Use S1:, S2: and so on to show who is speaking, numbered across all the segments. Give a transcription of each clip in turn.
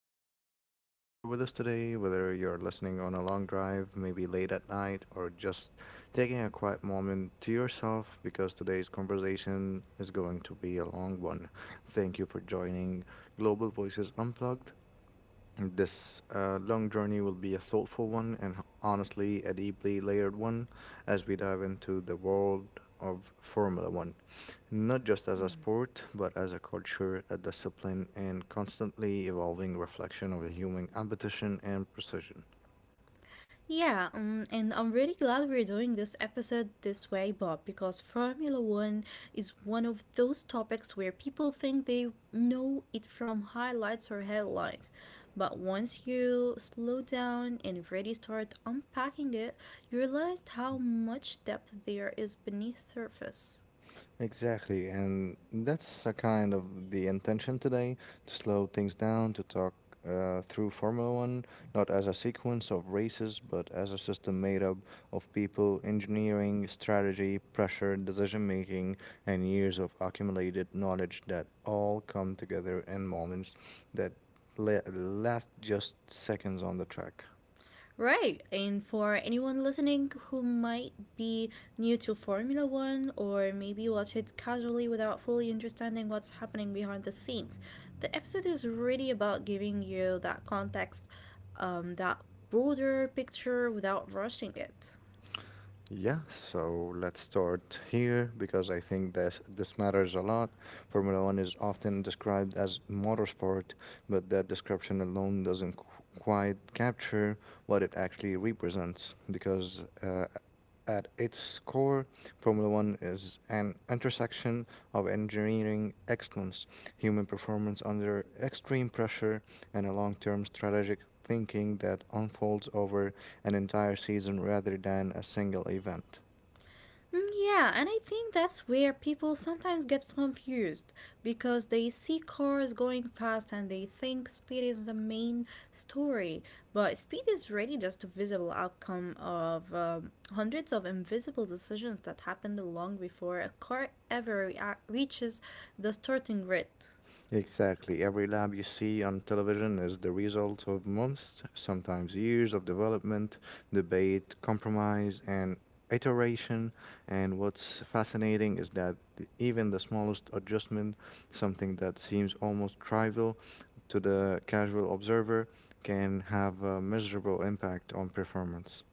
S1: thank you for being here with us today. Whether you're listening on a long drive, maybe late at night, or just taking a quiet moment to yourself, because today's conversation is going to be a long one. Thank you for joining Global Voices Unplugged. This long journey will be a thoughtful one and honestly a deeply layered one as we dive into the world of Formula One, not just as a sport, but as a culture, a discipline, and constantly evolving reflection of human competition and precision.
S2: Yeah, and I'm really glad we're doing this episode this way, Bob, because Formula One is one of those topics where people think they know it from highlights or headlines. But once you slow down and really start unpacking it, you realize how much depth there is beneath surface.
S1: Exactly, and that's a kind of the intention today to slow things down, to talk through Formula One, not as a sequence of races, but as a system made up of people, engineering, strategy, pressure, decision making, and years of accumulated knowledge that all come together in moments that last just seconds on the track.
S2: Right. And for anyone listening who might be new to Formula One or maybe watch it casually without fully understanding what's happening behind the scenes, the episode is really about giving you that context, that broader picture without rushing it.
S1: Yeah, so let's start here because I think this matters a lot. Formula One is often described as motorsport, but that description alone doesn't quite capture what it actually represents. Because at its core, Formula One is an intersection of engineering excellence, human performance under extreme pressure, and a long-term strategic thinking that unfolds over an entire season rather than a single event.
S2: Yeah, and I think that's where people sometimes get confused because they see cars going fast and they think speed is the main story. But speed is really just a visible outcome of hundreds of invisible decisions that happened long before a car ever reaches the starting grid.
S1: Exactly. Every lab you see on television is the result of months, sometimes years of development, debate, compromise, and iteration. And what's fascinating is that even the smallest adjustment, something that seems almost trivial to the casual observer, can have a measurable impact on performance.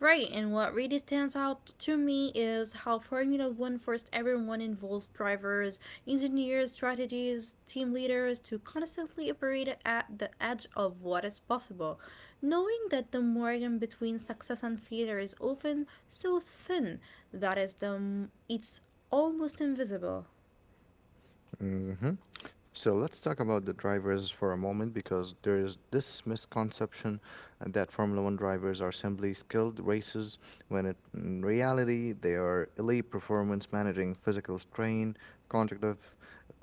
S2: Right, and what really stands out to me is how Formula One forced everyone involved drivers, engineers, strategists, team leaders to constantly operate at the edge of what is possible, knowing that the margin between success and failure is often so thin it's almost invisible.
S1: hmm So let's talk about the drivers for a moment because there is this misconception that Formula One drivers are simply skilled racers when it, in reality they are elite performance managing physical strain, cognitive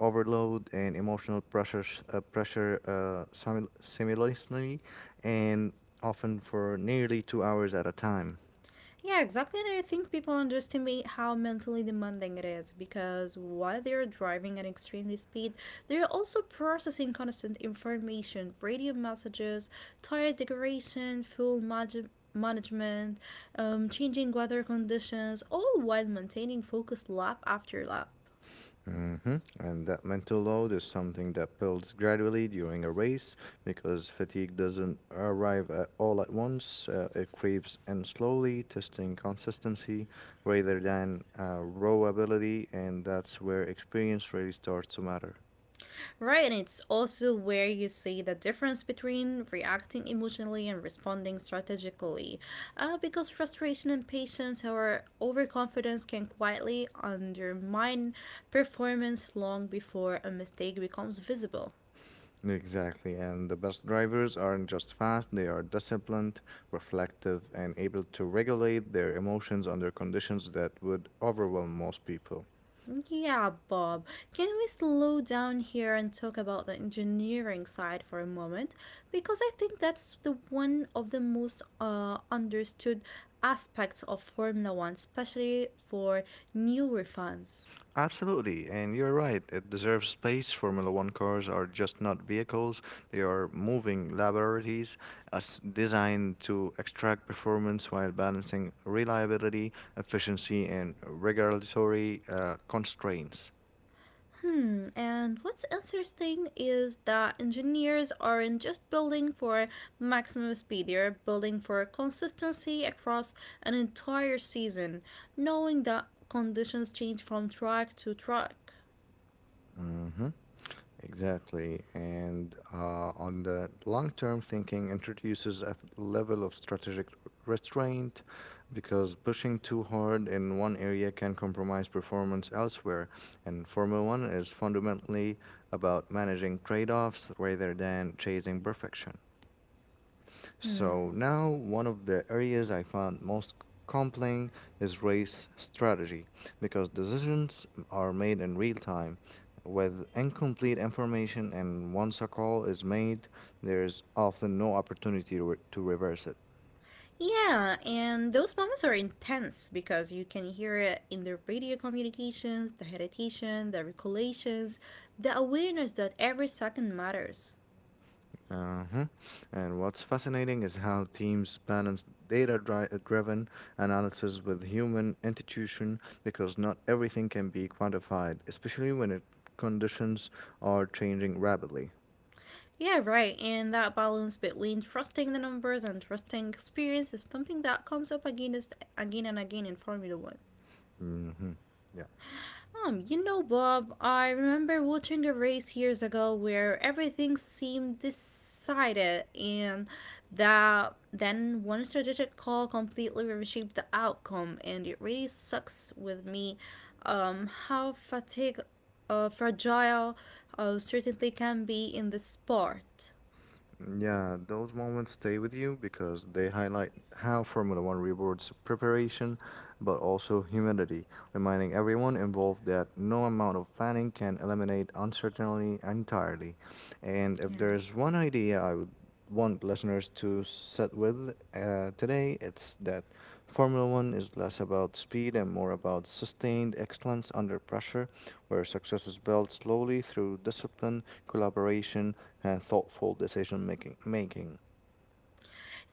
S1: overload, and emotional pressure, simultaneously, and often for nearly 2 hours at a time.
S2: Yeah, exactly. And I think people underestimate how mentally demanding it is because while they're driving at extremely speed, they're also processing constant information, radio messages, tire decoration, management, changing weather conditions, all while maintaining focus lap after lap.
S1: And that mental load is something that builds gradually during a race because fatigue doesn't arrive at all at once. It creeps in slowly, testing consistency rather than raw ability, and that's where experience really starts to matter.
S2: Right, and it's also where you see the difference between reacting emotionally and responding strategically. Because frustration and patience or overconfidence can quietly undermine performance long before a mistake becomes visible.
S1: Exactly, and the best drivers aren't just fast, they are disciplined, reflective, and able to regulate their emotions under conditions that would overwhelm most people.
S2: Yeah, Bob. Can we slow down here and talk about the engineering side for a moment? Because I think that's the one of the most understood aspects of Formula One, especially for newer fans.
S1: Absolutely, and you're right. It deserves space. Formula One cars are just not vehicles, they are moving laboratories as designed to extract performance while balancing reliability, efficiency, and regulatory constraints.
S2: Hmm, and what's interesting is that engineers aren't just building for maximum speed, they're building for consistency across an entire season, knowing that conditions change from track to track.
S1: hmm Exactly. And on the long term thinking introduces a level of strategic restraint because pushing too hard in one area can compromise performance elsewhere. And Formula One is fundamentally about managing trade offs rather than chasing perfection. So
S2: Hmm.
S1: now one of the areas I found most compelling is race strategy because decisions are made in real time with incomplete information and once a call is made there is often no opportunity to reverse it.
S2: Yeah, and those moments are intense because you can hear it in the radio communications, the hesitation, the recollections, the awareness that every second matters.
S1: Uh-huh. And what's fascinating is how teams balance driven analysis with human intuition because not everything can be quantified, especially when it conditions are changing rapidly.
S2: Yeah, right, and that balance between trusting the numbers and trusting experience is something that comes up again and again in Formula One.
S1: Hmm. Yeah.
S2: You know, Bob, I remember watching a race years ago where everything seemed decided, and that then one strategic call completely reshaped the outcome, and it really sucks with me how fatigue, fragile certainty can be in the sport.
S1: Yeah, those moments stay with you because they highlight how Formula One rewards preparation but also humility, reminding everyone involved that no amount of planning can eliminate uncertainty entirely. And if
S2: Yeah.
S1: there's one idea I would want listeners to sit with today, it's that Formula One is less about speed and more about sustained excellence under pressure, where success is built slowly through discipline, collaboration, and thoughtful decision making.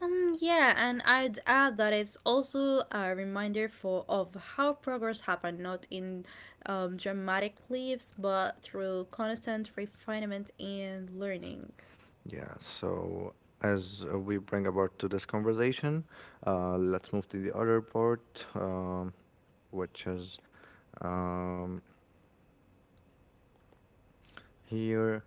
S2: Yeah, and I'd add that it's also a reminder for of how progress happened, not in dramatic leaps, but through constant refinement and learning.
S1: Yeah so as we bring about to this conversation let's move to the other part, which is um, here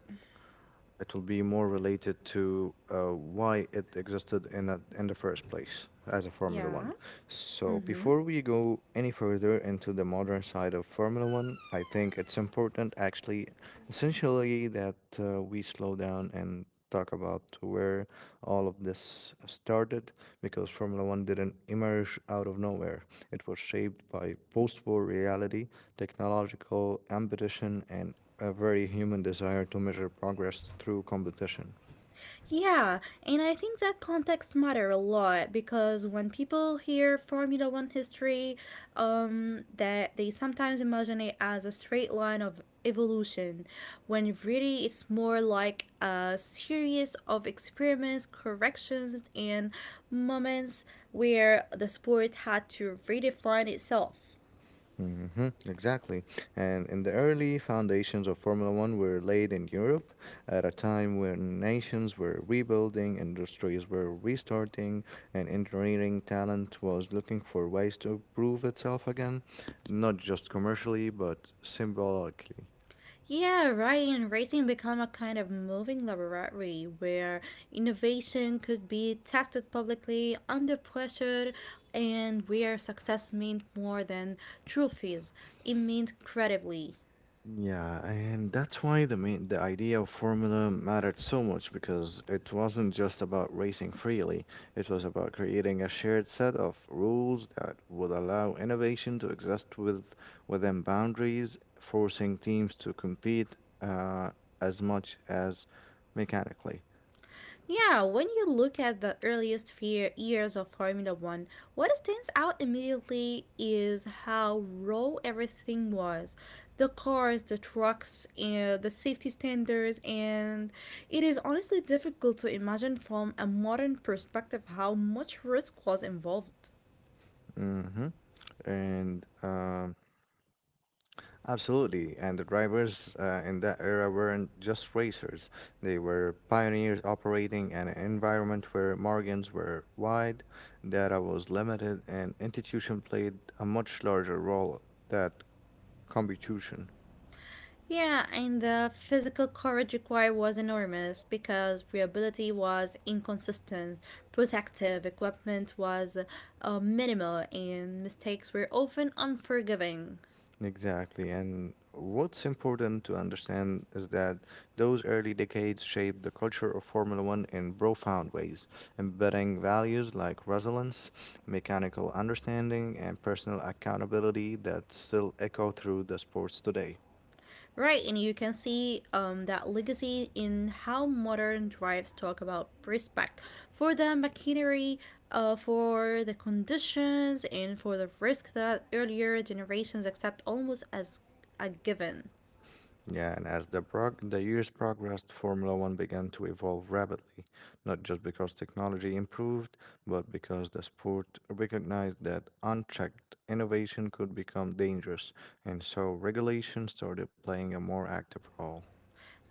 S1: it will be more related to why it existed in the first place as a formula
S2: Yeah.
S1: one. So,
S2: Mm-hmm.
S1: before we go any further into the modern side of Formula One, I think it's important, actually, essentially, that we slow down and talk about where all of this started because Formula One didn't emerge out of nowhere. It was shaped by post war reality, technological ambition, and a very human desire to measure progress through competition.
S2: Yeah, and I think that context matter a lot because when people hear Formula One history, that they sometimes imagine it as a straight line of evolution, when really it's more like a series of experiments, corrections, and moments where the sport had to redefine itself.
S1: Exactly. And in the early foundations of Formula One were laid in Europe at a time when nations were rebuilding, industries were restarting, and engineering talent was looking for ways to prove itself again, not just commercially, but symbolically.
S2: Yeah, right. And racing become a kind of moving laboratory where innovation could be tested publicly under pressure and where success meant more than trophies. It meant credibly.
S1: Yeah, and that's why the idea of formula mattered so much because it wasn't just about racing freely. It was about creating a shared set of rules that would allow innovation to exist with within boundaries, forcing teams to compete as much as mechanically.
S2: Yeah, when you look at the earliest fear years of Formula One, what stands out immediately is how raw everything was. The cars, the trucks, the safety standards, and it is honestly difficult to imagine from a modern perspective how much risk was involved.
S1: Hmm And Absolutely, and the drivers in that era weren't just racers. They were pioneers operating in an environment where margins were wide, data was limited, and institution played a much larger role than competition.
S2: Yeah, and the physical courage required was enormous because viability was inconsistent, protective equipment was minimal, and mistakes were often unforgiving.
S1: Exactly. And what's important to understand is that those early decades shaped the culture of Formula One in profound ways, embedding values like resilience, mechanical understanding, and personal accountability that still echo through the sports today.
S2: Right, and you can see that legacy in how modern drives talk about respect for the machinery, for the conditions, and for the risk that earlier generations accept almost as a given.
S1: Yeah, and as the years progressed, Formula One began to evolve rapidly, not just because technology improved, but because the sport recognized that unchecked innovation could become dangerous, and so regulation started playing a more active role.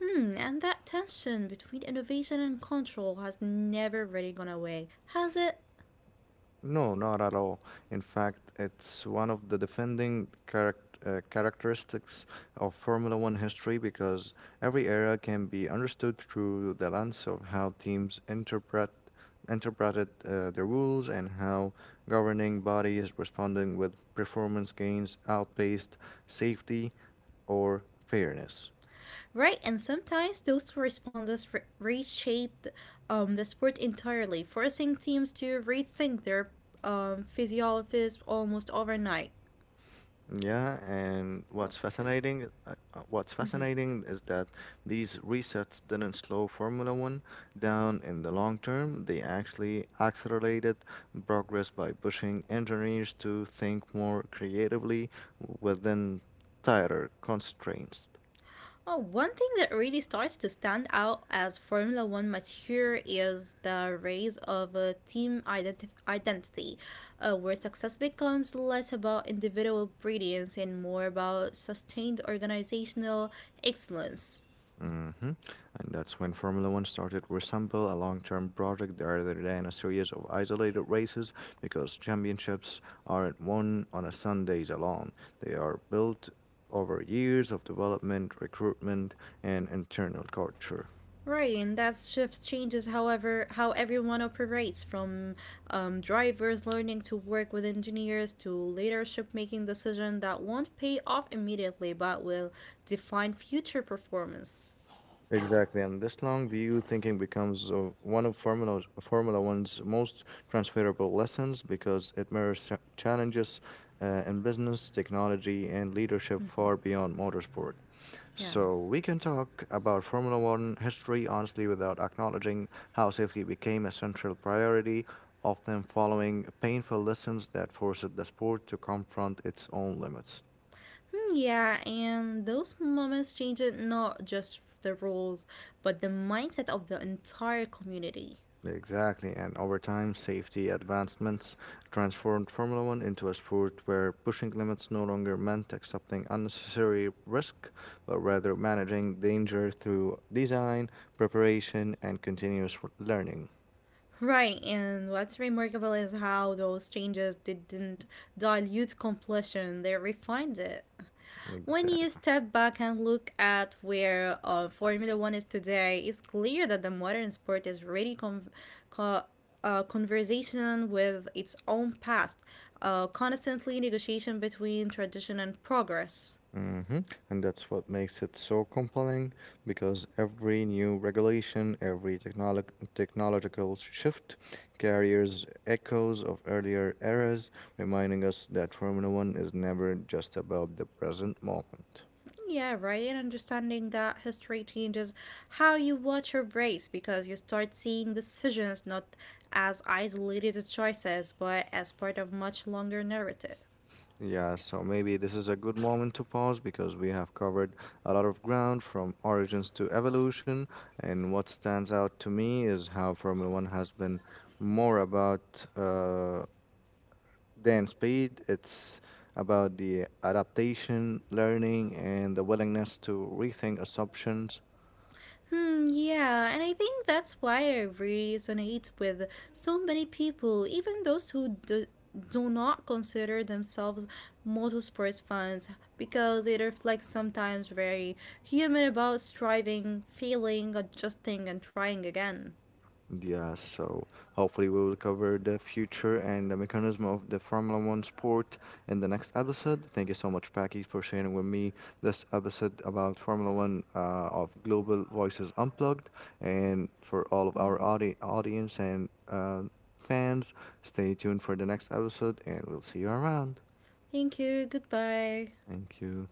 S2: Hmm, and that tension between innovation and control has never really gone away, has it?
S1: No, not at all. In fact, it's one of the defending characteristics of Formula One history because every era can be understood through the lens of how teams interpreted the rules and how governing bodies responding with performance gains outpaced safety or fairness.
S2: Right, and sometimes those reshaped the sport entirely, forcing teams to rethink their physiologists almost overnight.
S1: Yeah, and
S2: Philosophists.
S1: what's
S2: Hmm.
S1: fascinating is that these resets didn't slow Formula One down in the long term. They actually accelerated progress by pushing engineers to think more creatively within tighter constraints.
S2: Oh, one thing that really starts to stand out as Formula One mature is the rise of a team identity, where success becomes less about individual brilliance and more about sustained organizational excellence.
S1: Mm-hmm. And that's when Formula One started to resemble a long term project rather than a series of isolated races because championships aren't won on a Sundays alone. They are built over years of development, recruitment, and internal culture.
S2: Right, and that shift changes, however, how everyone operates from drivers learning to work with engineers to leadership making decisions that won't pay off immediately but will define future performance.
S1: Exactly, and this long view thinking becomes one of Formula One's most transferable lessons because it mirrors challenges in business, technology, and leadership
S2: Mm-hmm.
S1: far beyond motorsport.
S2: Yeah.
S1: So we can talk about Formula One history honestly without acknowledging how safety became a central priority, often following painful lessons that forced the sport to confront its own limits.
S2: Yeah, and those moments changed not just the rules, but the mindset of the entire community.
S1: Exactly, and over time, safety advancements transformed Formula One into a sport where pushing limits no longer meant accepting unnecessary risk, but rather managing danger through design, preparation, and continuous learning.
S2: Right, and what's remarkable is how those changes didn't dilute completion, they refined it. When
S1: Exactly.
S2: you step back and look at where Formula One is today, it's clear that the modern sport is really co- conversation with its own past, constantly negotiation between tradition and progress.
S1: hmm And that's what makes it so compelling because every new regulation, every technological shift carries echoes of earlier eras, reminding us that Formula One is never just about the present moment.
S2: Yeah, right. Understanding that history changes how you watch your race because you start seeing decisions not as isolated choices but as part of much longer narrative.
S1: Yeah, so maybe this is a good moment to pause because we have covered a lot of ground from origins to evolution. And what stands out to me is how Formula One has been more about then speed. It's about the adaptation, learning, and the willingness to rethink assumptions.
S2: Yeah, and I think that's why I resonate with so many people, even those who do not consider themselves motorsports fans, because it reflects sometimes very human about striving, failing, adjusting, and trying again.
S1: Yeah, so hopefully we will cover the future and the mechanism of the Formula One sport in the next episode. Thank you so much, Paki, for sharing with me this episode about Formula One of Global Voices Unplugged. And for all of our
S2: Mhm.
S1: audience and fans, stay tuned for the next episode and we'll see you around.
S2: Thank you, goodbye.
S1: Thank you.